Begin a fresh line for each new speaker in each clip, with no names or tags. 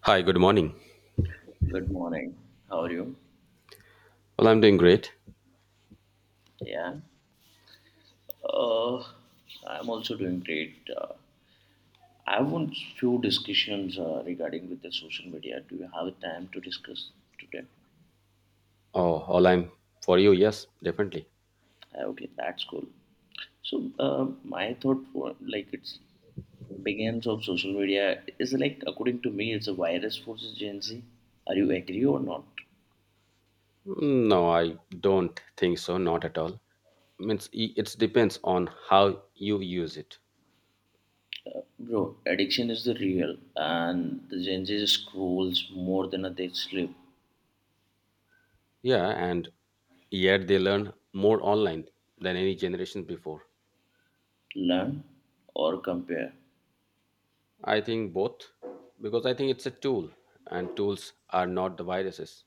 Hi, good morning.
Good morning. How are you?
Well, I'm doing great.
Yeah. Uh, I'm also doing great. I want few discussions regarding with the social media. Do you have time to discuss today?
Oh, all I'm for you, yes, definitely.
Okay, that's cool. So my thought for like it's begins of social media is like according to me it's a virus forces Gen Z. Are you agree or not?
No, I don't think so, not at all. Means it depends on how you use it.
Bro, addiction is the real and the Gen Z scrolls more than they sleep,
Yeah, and yet they learn more online than any generation before.
learn or compare.
I think both, because I think it's a tool, and tools are not the viruses.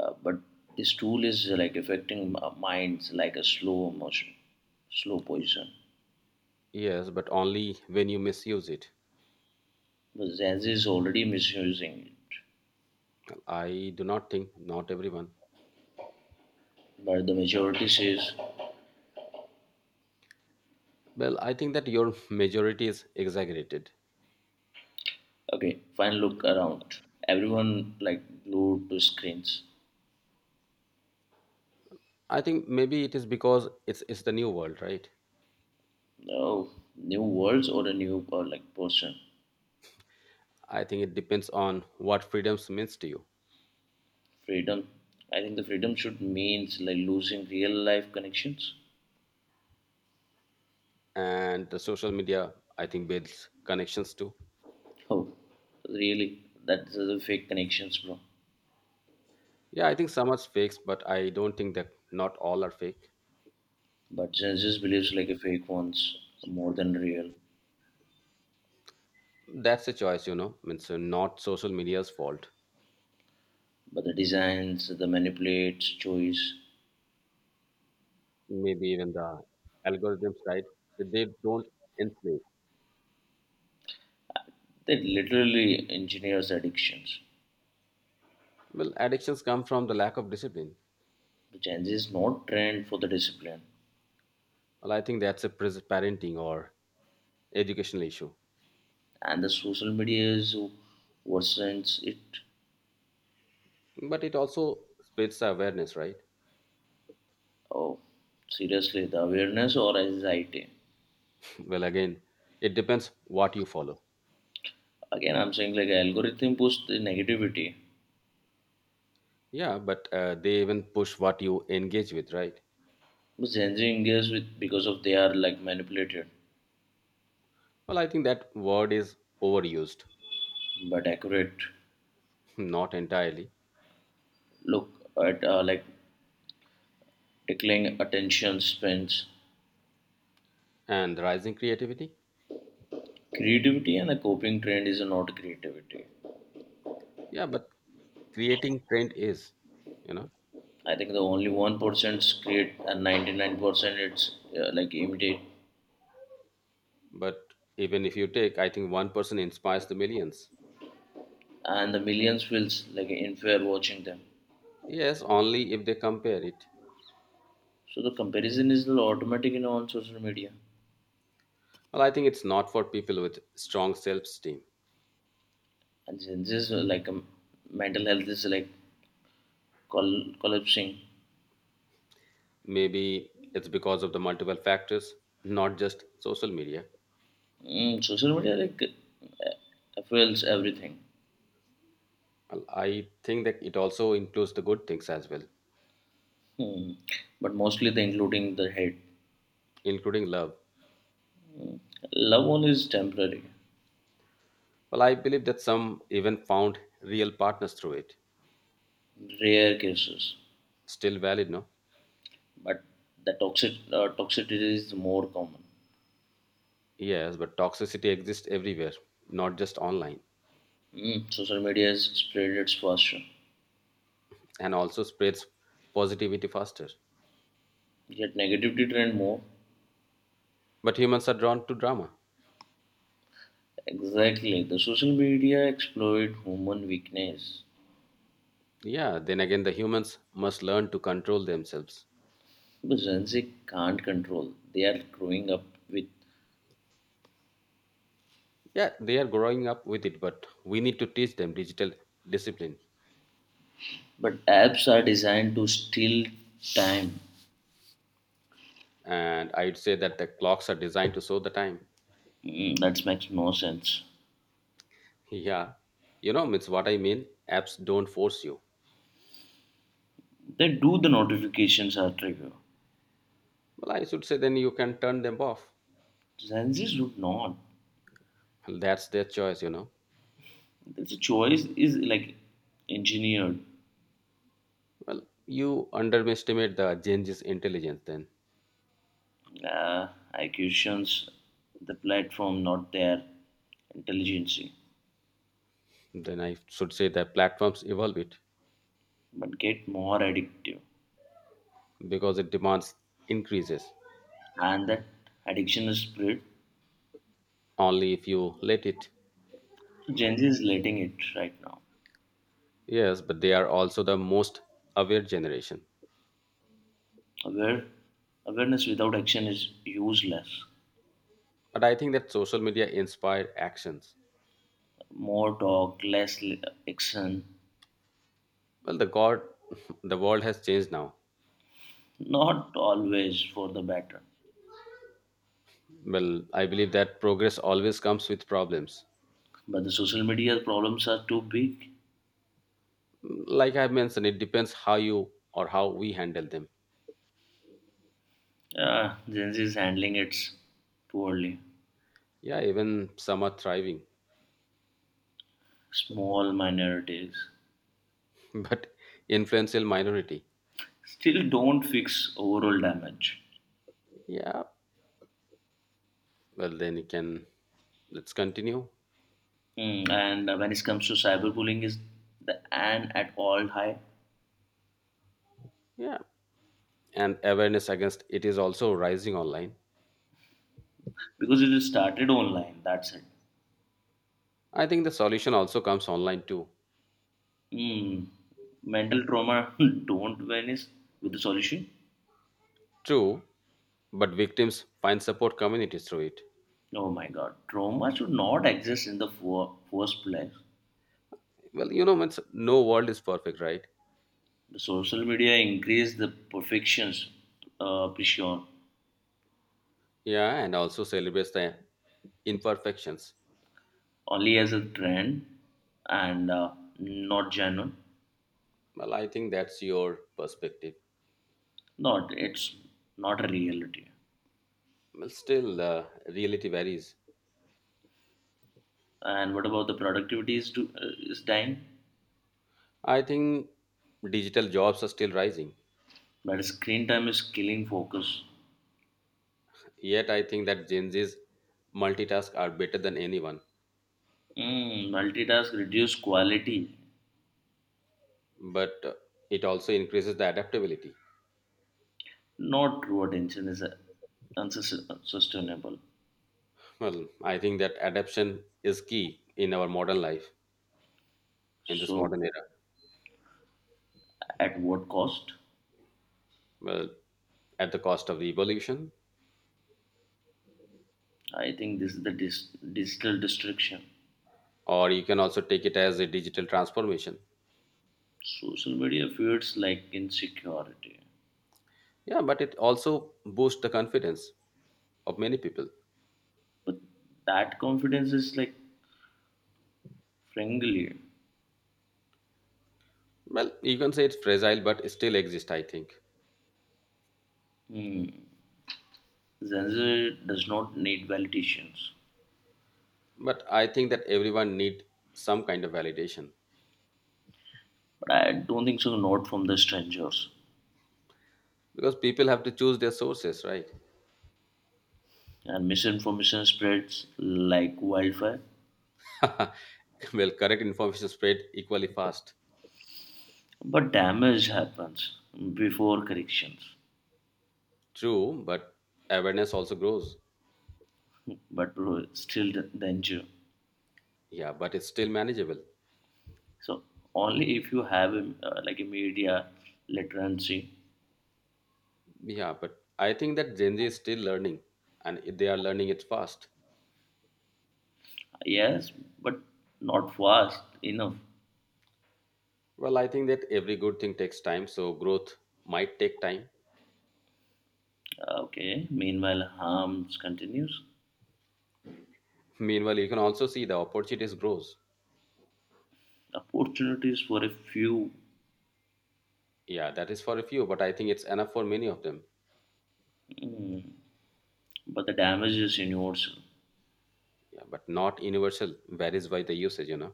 But this tool is like affecting minds like a slow motion, slow poison.
Yes, but only when you misuse it.
The Zanzi is already misusing it,
I do not think not everyone.
but the majority says,
Well, I think that your majority is exaggerated.
"Okay, fine, look around." Everyone like glued to screens.
I think maybe it is because it's the new world, right?
No new worlds or a new like person.
I think it depends on what freedoms means to you,
Freedom. I think the freedom should means like losing real life connections.
and the social media I think builds connections too.
Oh, really? That's the fake connections, bro.
Yeah, I think some are fakes, but I don't think that not all are fake.
But Genesis believes like a fake ones more than real.
That's a choice, you know. Means not social media's fault.
But the designs, the manipulates, choice,
Maybe even the algorithms, right? So they don't enslave.
they literally engineers addictions.
Well, addictions come from the lack of discipline.
The change is not trend for the discipline,
Well, I think that's a parenting or educational issue,
and the social media is worsens it.
but it also spreads the awareness, right?
Oh, seriously, the awareness or anxiety.
Well again, it depends what you follow.
Again, I'm saying like algorithm push the negativity.
Yeah, but they even push what you engage with, right?
But Gen Z engages with because of they are like manipulated,
Well, I think that word is overused.
but accurate.
Not entirely.
Look at like declining attention spans.
And rising creativity.
Creativity and a coping trend is not creativity.
Yeah, but creating trend is, you know.
I think the only 1% create and 99% it's like imitate,
But even if you take, I think one person inspires the millions.
and the millions feels like unfair watching them.
Yes, only if they compare it.
So the comparison is automatic in all social media,
Well, I think it's not for people with strong self-esteem.
and since this like mental health is like collapsing,
Maybe it's because of the multiple factors, not just social media.
social media like affects everything.
Well, I think that it also includes the good things as well,
Hmm. But mostly the including the hate.
including love.
Love only is temporary,
Well, I believe that some even found real partners through it.
rare cases,
Still valid, no?
but the toxicity is more common.
Yes, but toxicity exists everywhere, not just online,
Social media has spread its faster,
and also spreads positivity faster.
yet negativity trend more.
But humans are drawn to drama.
Exactly, the social media exploit human weakness.
Yeah, then again, the humans must learn to control themselves.
But Gen Z can't control. They are growing up with.
Yeah, they are growing up with it, but we need to teach them digital discipline.
But apps are designed to steal time.
And I'd say that the clocks are designed to show the time.
That makes no sense.
Yeah, you know, it's what I mean. Apps don't force you.
They do the notifications are trigger.
Well, I should say then you can turn them off.
Gen Zs would not.
Well, that's their choice, you know.
That's a choice is like engineered.
Well, you underestimate the changes intelligence then.
Uh, I questions the platform, not their intelligence.
Then I should say that platforms evolve it
But get more addictive.
because it demands increases
And that addiction is spread.
only if you let it.
So Gen Z is letting it right now.
Yes, but they are also the most aware generation.
Aware, awareness without action is useless.
But I think that social media inspired actions.
More talk, less action.
Well, the God, the world has changed now.
Not always for the better.
Well, I believe that progress always comes with problems.
But the social media problems are too big.
Like I mentioned, it depends how you or how we handle them.
Yeah, Gen Z is handling it poorly.
Yeah, even some are thriving,
Small minorities
but influential minority.
still don't fix overall damage.
Yeah, well, then you can let's continue.
And when it comes to cyberbullying, is the an at all high.
Yeah, and awareness against it is also rising online.
Because it is started online, that's it.
I think the solution also comes online too.
Hmm. Mental trauma don't vanish with a solution.
True, but victims find support communities through it.
Oh my God, trauma should not exist in the first place.
Well, you know, no world is perfect, right?
The social media increased the perfections pressure.
Yeah, and also celebrates the imperfections.
Only as a trend and not genuine.
Well, I think that's your perspective.
Not It's not a reality.
Well, still, reality varies.
And what about the productivity is dying?
I think digital jobs are still rising.
But screen time is killing focus.
Yet I think that Gen Z's multitask are better than anyone.
Multitask reduce quality.
But it also increases the adaptability.
Not true attention is unsustainable.
Well, I think that adaptation is key in our modern life, in this
So,
modern era.
at what cost?
Well, at the cost of evolution,
I think this is the digital distraction.
or you can also take it as a digital transformation.
Social media feels like insecurity,
Yeah, but it also boosts the confidence of many people.
but that confidence is like, frankly,
Well, you can say it's fragile, but it still exists, I think.
Gen Z does not need validations.
But I think that everyone need some kind of validation,
But I don't think so, not from the strangers.
because people have to choose their sources, right.
And misinformation spreads like wildfire,
Well, correct information spread equally fast.
but damage happens before corrections.
True, but awareness also grows.
But bro, still the danger.
Yeah, but it's still manageable.
So only if you have a, like a media literacy,
Yeah, but I think that Gen Z is still learning, and they are learning it fast.
yes, but not fast enough.
Well, I think that every good thing takes time, so growth might take time.
Okay. Meanwhile, harms continues.
Meanwhile, you can also see the opportunities grows.
Opportunities for a few,
Yeah, that is for a few, but I think it's enough for many of them.
but the damage is universal.
Yeah, but not universal, varies by the usage, you know.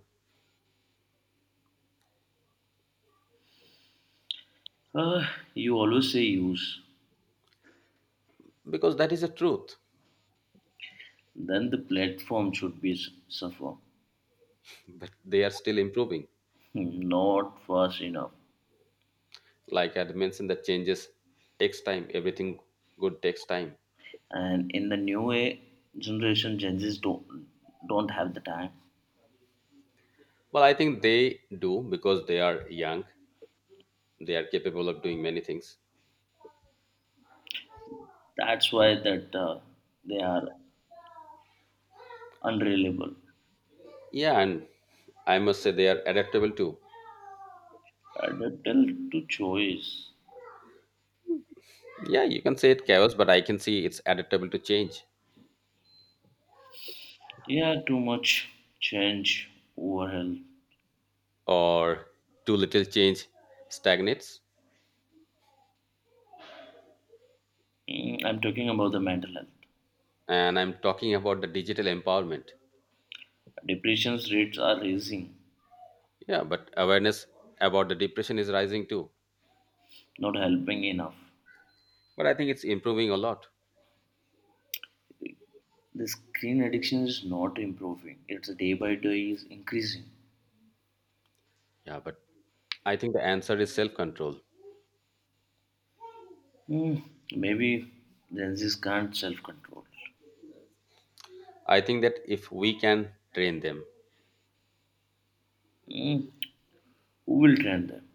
Uh, you always say use,
Because that is the truth,
then the platform should be suffer,
but they are still improving.
Hmm, Not fast enough.
Like I'd mentioned, that changes takes time. Everything good takes time.
And in the new generation, Gen Zs don't have the time.
Well, I think they do because they are young. They are capable of doing many things.
That's why that they are unreliable.
Yeah, and I must say they are adaptable too.
Adaptable to choice.
Yeah, you can say it chaos, but I can see it's adaptable to change,
Yeah, too much change over health.
or too little change stagnates.
I'm talking about the mental health.
And I'm talking about the digital empowerment.
Depression's rates are rising,
Yeah, but awareness about the depression is rising too.
not helping enough.
But I think it's improving a lot.
The screen addiction is not improving. It's day by day is increasing.
Yeah, but I think the answer is self control.
Hmm, Maybe Gen Z's can't self-control.
I think that if we can train them,
Hmm, who will train them?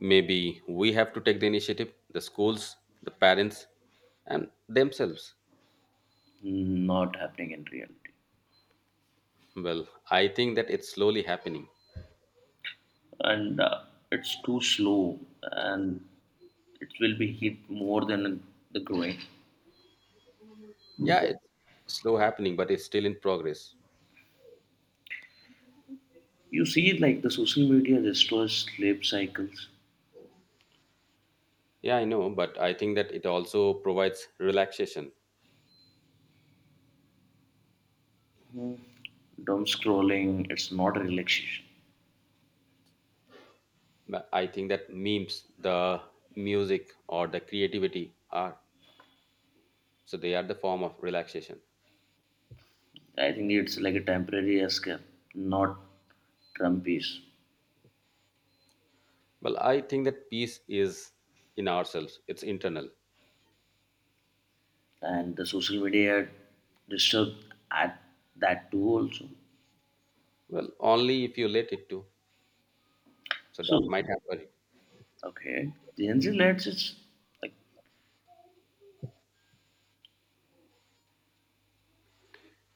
maybe we have to take the initiative, the schools, the parents, and themselves.
Not happening in reality.
Well, I think that it's slowly happening.
And it's too slow and it will be hit more than the growing.
Yeah, it's slow happening, but it's still in progress.
You see, like the social media restores sleep cycles.
Yeah, I know, but I think that it also provides relaxation.
Dumb scrolling, it's not a relaxation.
But I think that memes, the music, or the creativity are so they are the form of relaxation.
I think it's like a temporary escape, not drum piece.
Well, I think that peace is in ourselves, it's internal.
And the social media disturbed at that too also.
Well, only if you let it to. So
So,
that might happen.
okay, Gen Z lads, it's like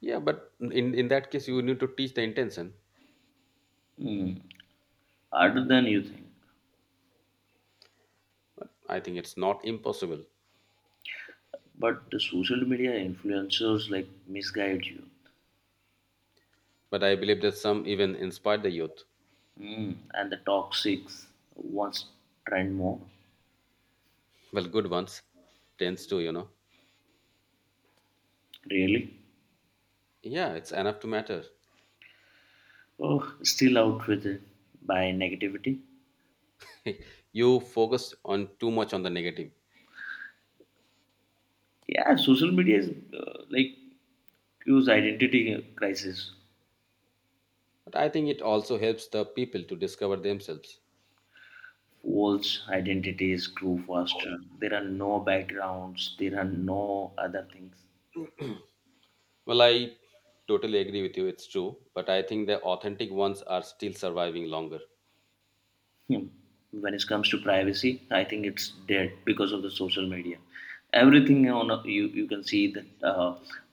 Yeah, but in that case, you need to teach the intention.
hmm, harder than you think.
I think it's not impossible,
But the social media influencers like misguide you.
but I believe that some even inspire the youth.
And the toxics wants trend more.
Well, good ones tends to, you know.
Really?
Yeah, it's enough to matter.
Oh, still out with it by negativity.
You focus on too much on the negative,
Yeah, social media is like use identity crisis.
but I think it also helps the people to discover themselves.
False identities grew faster. There are no backgrounds. There are no other things.
Well, I totally agree with you. It's true, but I think the authentic ones are still surviving longer.
Hmm. When it comes to privacy, I think it's dead because of the social media. Everything on you, you can see that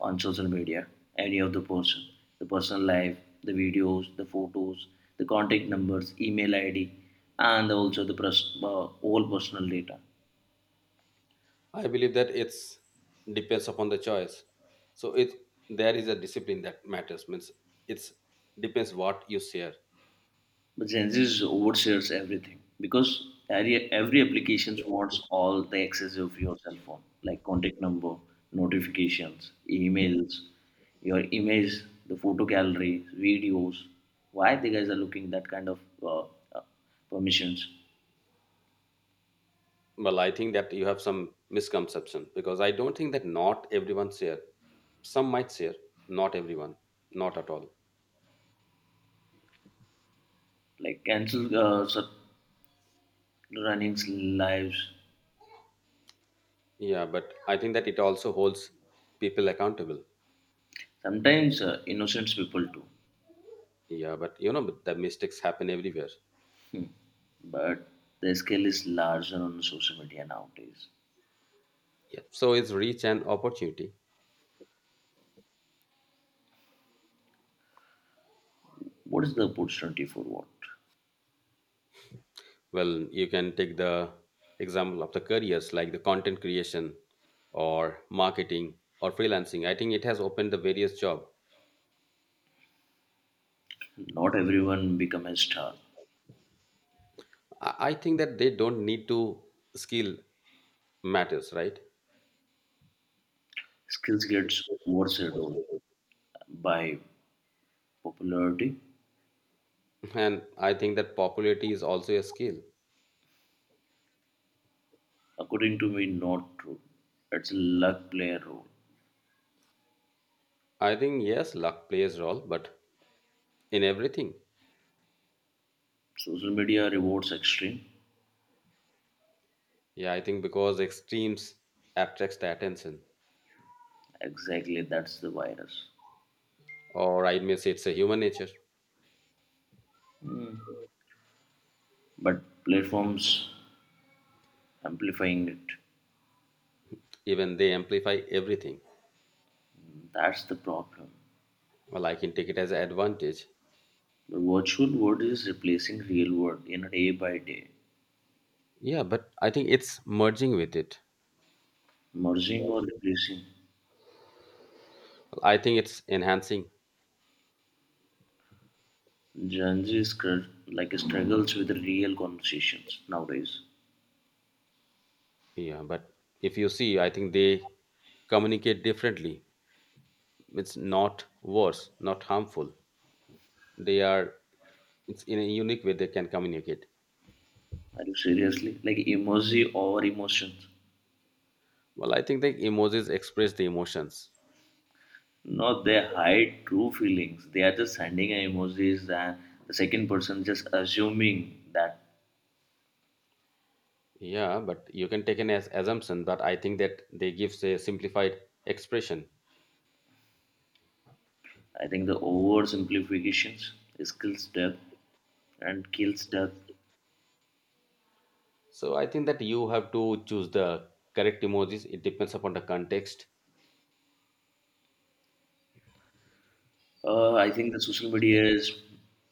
on social media, any of the person, the personal life, the videos, the photos, the contact numbers, email id, and also the all personal data.
I believe that it's depends upon the choice. So it there is a discipline that matters. Means it's depends what you share.
But Gen Z is overshares everything because every application wants all the access of your cell phone, like contact number, notifications, emails, your image, the photo gallery, videos. Why the guys are looking that kind of uh, permissions?
Well, I think that you have some misconception because I don't think that not everyone share. Some might share, not everyone, not at all.
Like cancel such runnings lives.
Yeah, but I think that it also holds people accountable.
Sometimes innocent people too,
Yeah, but you know but the mistakes happen everywhere.
but the scale is larger on social media nowadays.
Yeah, so it's reach and opportunity.
What is the opportunity for what?
Well, you can take the example of the careers like the content creation, or marketing, or freelancing. I think it has opened the various job.
Not everyone become a star.
I think that they don't need to skill matters, right.
Skills gets overshadowed by popularity.
And I think that popularity is also a skill.
According to me, not true. It's luck play a role.
I think yes, luck plays a role, but in everything.
Social media rewards extreme.
Yeah, I think because extremes attracts the attention,
Exactly, that's the virus.
or I may say it's a human nature.
But platforms amplifying it.
Even they amplify everything.
That's the problem.
Well, I can take it as an advantage.
The virtual world is replacing real world in a day by day,
Yeah, but I think it's merging with it.
merging or replacing.
I think it's enhancing.
Gen Z is like struggles with real conversations nowadays.
Yeah, but if you see, I think they communicate differently. It's not worse, not harmful. They are it's in a unique way they can communicate.
Are you seriously? Like emoji over emotions.
Well, I think the emojis express the emotions.
No, they hide true feelings. They are just sending emojis and the second person just assuming that.
Yeah, but you can take an as assumption, but I think that they give a simplified expression.
I think the oversimplifications is kills depth.
So I think that you have to choose the correct emojis. It depends upon the context.
I think the social media is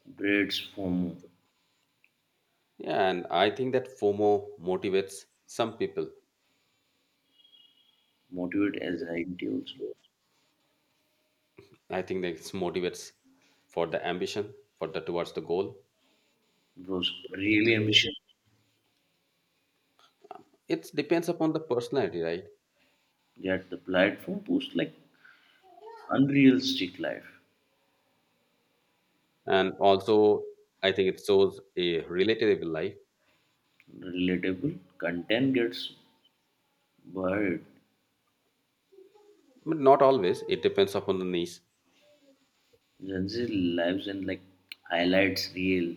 breeds FOMO,
Yeah, and I think that FOMO motivates some people.
motivate anxiety also.
I think that it motivates for the ambition, for the towards the goal.
Bros, really ambition.
It depends upon the personality, right?
Yet the platform posts like unrealistic life,
And also, I think it shows a relatable life,
relatable content gets buried.
but not always. It depends upon the niche.
Gen Z lives in like highlights real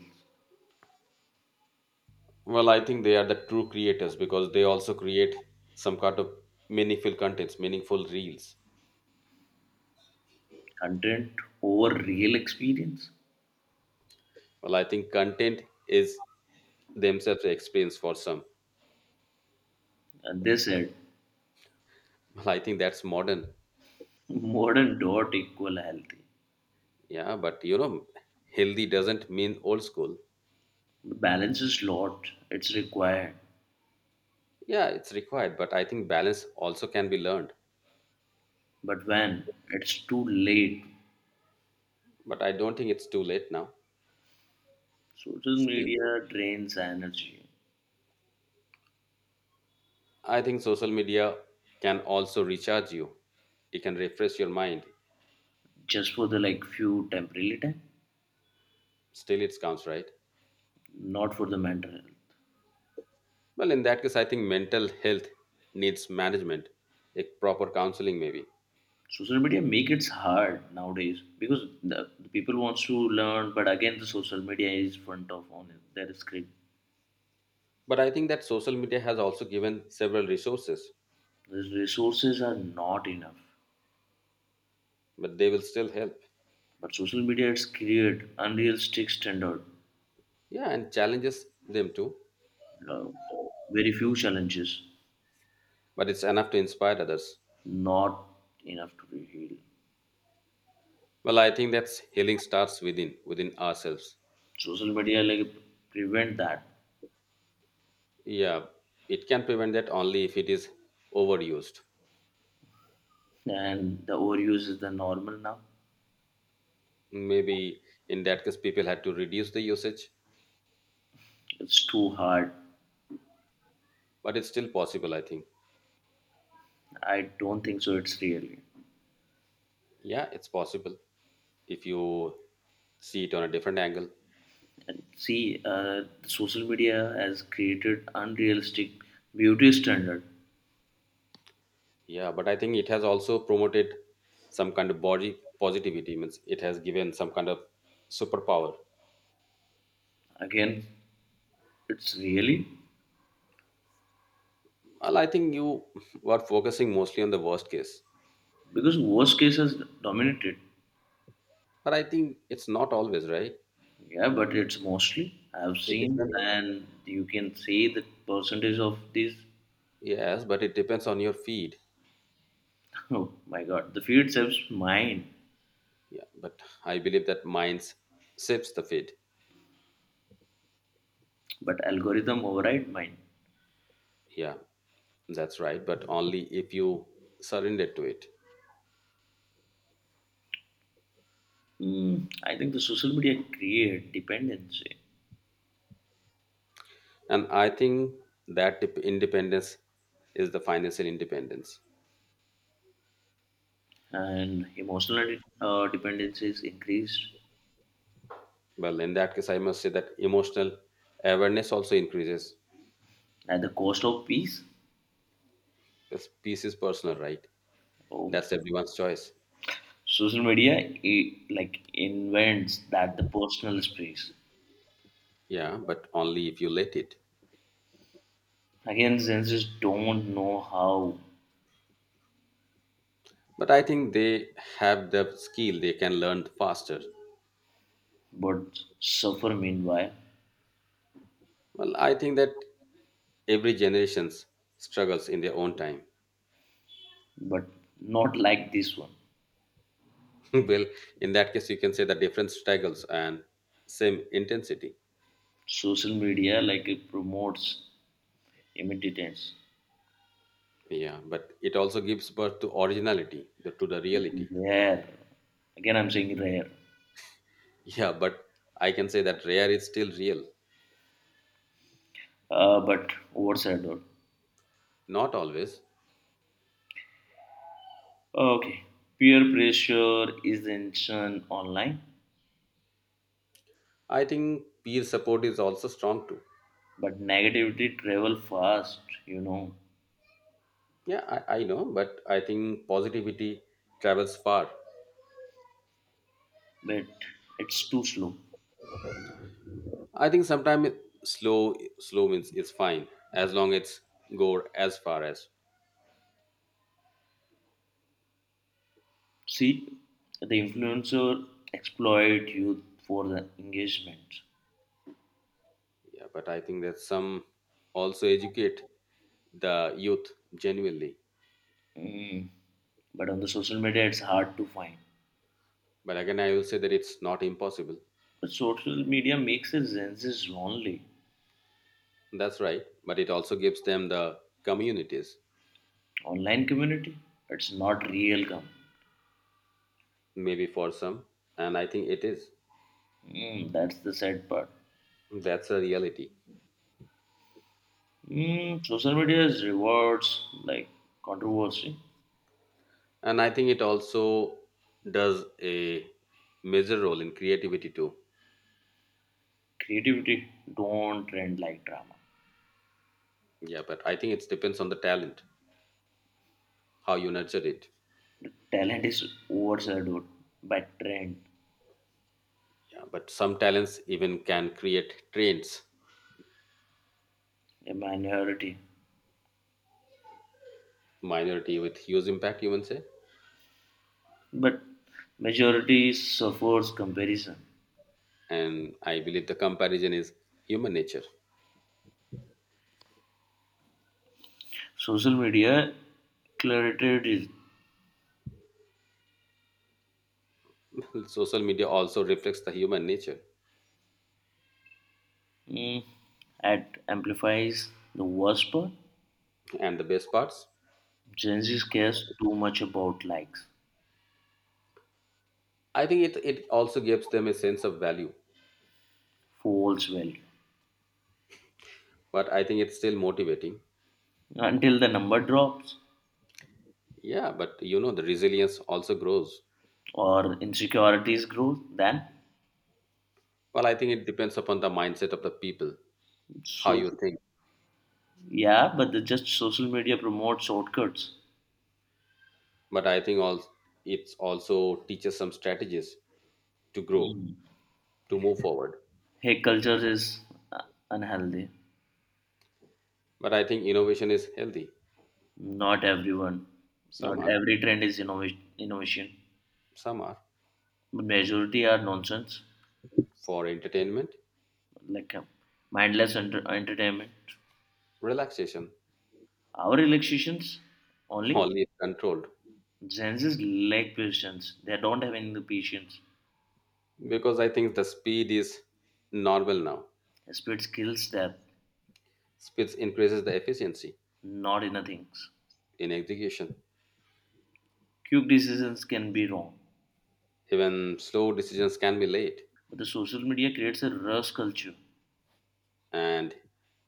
Well, I think they are the true creators because they also create some kind of meaningful contents, meaningful reels.
content over real experience.
Well, I think content is themselves an experience for some.
And they said
Well, I think that's modern.
modern dot equal healthy.
Yeah, but you know, healthy doesn't mean old school.
The balance is lot, it's required.
Yeah, it's required, but I think balance also can be learned.
But when it's too late,
But I don't think it's too late now.
social
Still,
media drains energy
I think social media can also recharge you. It can refresh your mind.
just for the like few temporary time,
Still, it counts, right?
not for the mental health.
Well, in that case, I think mental health needs management, a proper counseling maybe.
Social media make it hard nowadays because the people wants to learn, but again the social media is front of on their screen.
But I think that social media has also given several resources,
These resources are not enough.
but they will still help.
But social media has created unrealistic standard,
Yeah, and challenges them too.
uh, very few challenges,
But it's enough to inspire others.
not enough to be healed.
Well, I think that's healing starts within ourselves.
Social media like prevent that,
Yeah, it can prevent that only if it is overused.
and the overuse is the normal now.
Maybe in that case, people had to reduce the usage,
It's too hard.
but it's still possible, I think.
I don't think so. It's really
Yeah, it's possible if you see it on a different angle.
and see, social media has created unrealistic beauty standard.
Yeah, but I think it has also promoted some kind of body positivity. Means it has given some kind of superpower.
Again, it's really
Well, I think you were focusing mostly on the worst case,
because worst cases dominated.
but I think it's not always right.
Yeah, but it's mostly I've
It
seen,
depends.
and you can say the percentage of these.
Yes, but it depends on your feed.
Oh my God, the feed serves mine,
Yeah, but I believe that minds sips the feed.
but algorithm override mine.
Yeah, that's right. But only if you surrender to it.
I think the social media create dependency,
And I think that independence is the financial independence.
and emotional dependency is increased
Well, in that case, I must say that emotional awareness also increases.
at the cost of peace.
This peace is personal, right?
Oh my!
That's everyone's choice.
Social media it, like invents that the personal space.
Yeah, but only if you let it.
Again, senses don't know how,
But I think they have the skill, they can learn faster.
but suffer meanwhile.
Well, I think that every generations struggles in their own time.
But not like this one.
Well, in that case you can say the different struggles and same intensity.
Social media like it promotes imitations.
Yeah, but it also gives birth to originality the, to the reality.
Rare. Again, I'm saying rare,
Yeah, but I can say that rare is still real.
but overshadowed.
Not always.
Okay, peer pressure is ancient online,
I think peer support is also strong too.
but negativity travel fast,
Yeah, I know, but I think positivity travels far.
but it's too slow.
I think sometimes slow slow means is fine, as long as go as far as.
See, the influencer exploit youth for the engagement.
Yeah, but I think that some also educate the youth genuinely.
Mm. But on the social media, it's hard to find.
But again, I will say that it's not impossible.
But social media makes it Zenzi's only
That's right. But it also gives them the communities,
online community. It's not real come.
maybe for some. And I think it is.
That's the sad part.
That's a reality.
Social media is rewards like controversy,
And I think it also does a major role in creativity too.
creativity. Don't trend like drama.
Yeah, but I think it depends on the talent, how you nurture it.
Talent is overshadowed by trend,
Yeah, but some talents even can create trends,
a minority,
minority with huge impact, you can say.
but majority suffers comparison.
And I believe the comparison is human nature.
Social media curated it.
Social media also reflects the human nature.
mm, at amplifies the worst part.
And the best parts.
Gen Z cares too much about likes,
I think it also gives them a sense of value.
false value.
But I think it's still motivating.
Until the number drops
Yeah, but you know the resilience also grows.
or insecurities grow, then
Well, I think it depends upon the mindset of the people, how
so
you think.
yeah, but the just social media promotes shortcuts.
But I think all it also teaches some strategies to grow,
Mm.
to move forward.
Hey, culture is uh, unhealthy.
But I think innovation is healthy.
Not everyone,
Some
not
are.
every trend is innovation. Innovation,
Some are
but majority are nonsense,
for entertainment.
like mindless entertainment.
Relaxation.
Our relaxations only.
All is controlled.
Gen Z's lack patience. They don't have any patience.
Because I think the speed is normal now.
Speed kills them,
Speed increases the efficiency
not inner things.
in execution.
Quick decisions can be wrong,
Even slow decisions can be late,
but the social media creates a rush culture.
and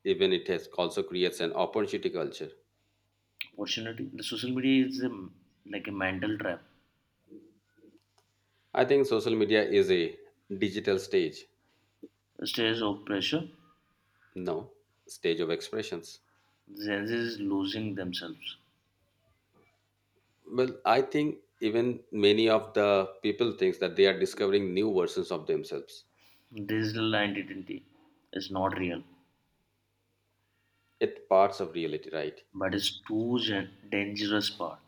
even it has also creates an opportunity culture.
Opportunity. The social media is a, like a mental trap.
I think social media is a digital stage,
A stress of pressure.
no, stage of expressions.
Gen Z is losing themselves.
Well, I think even many of the people thinks that they are discovering new versions of themselves.
Digital identity is not real,
It parts of reality, right?
but it's too dangerous part.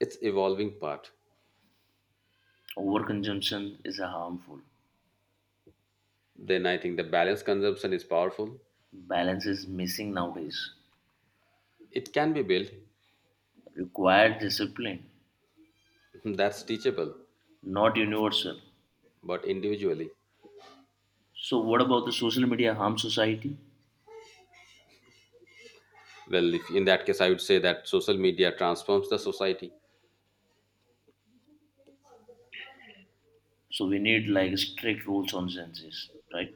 It's evolving part.
Overconsumption is a harmful.
Then I think the balanced consumption is powerful.
Balance is missing nowadays.
It can be built,
Required discipline
that's teachable,
not universal.
but individually.
So what about the social media harm society?
Well, if in that case, I would say that social media transforms the society.
So we need like strict rules on census, right?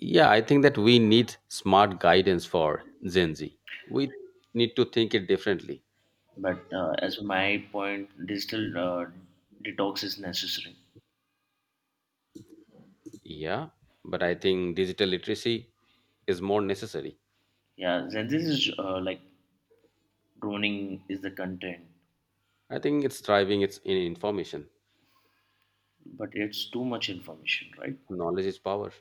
Yeah, I think that we need smart guidance for Gen Z. We need to think it differently.
But as my point, digital detox is necessary.
Yeah, but I think digital literacy is more necessary.
Yeah, census is like droning is the content,
I think it's thriving, it's in information.
but it's too much information, right?
Knowledge is power,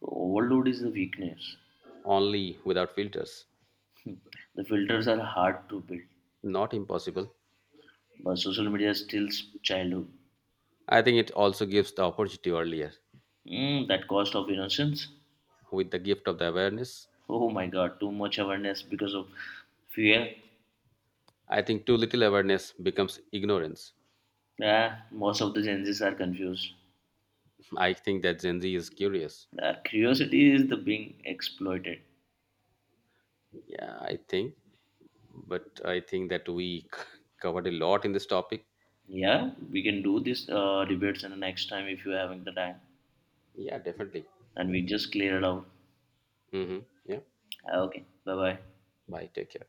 So overload is the weakness.
only without filters.
The filters are hard to build,
Not impossible.
but social media steals childhood.
I think it also gives the opportunity earlier
That cost of innocence.
with the gift of the awareness.
Oh my God, too much awareness because of fear.
I think too little awareness becomes ignorance.
Yeah, most of the Gen Zs are confused.
I think that Gen Z is curious.
Their curiosity is the being exploited.
Yeah, I think. But I think that we covered a lot in this topic.
Yeah, we can do this debates in the next time if you're having the time,
Yeah, definitely.
and we just clear it out.
Mm-hmm. Yeah.
Ah, okay, bye bye.
Bye. Take care.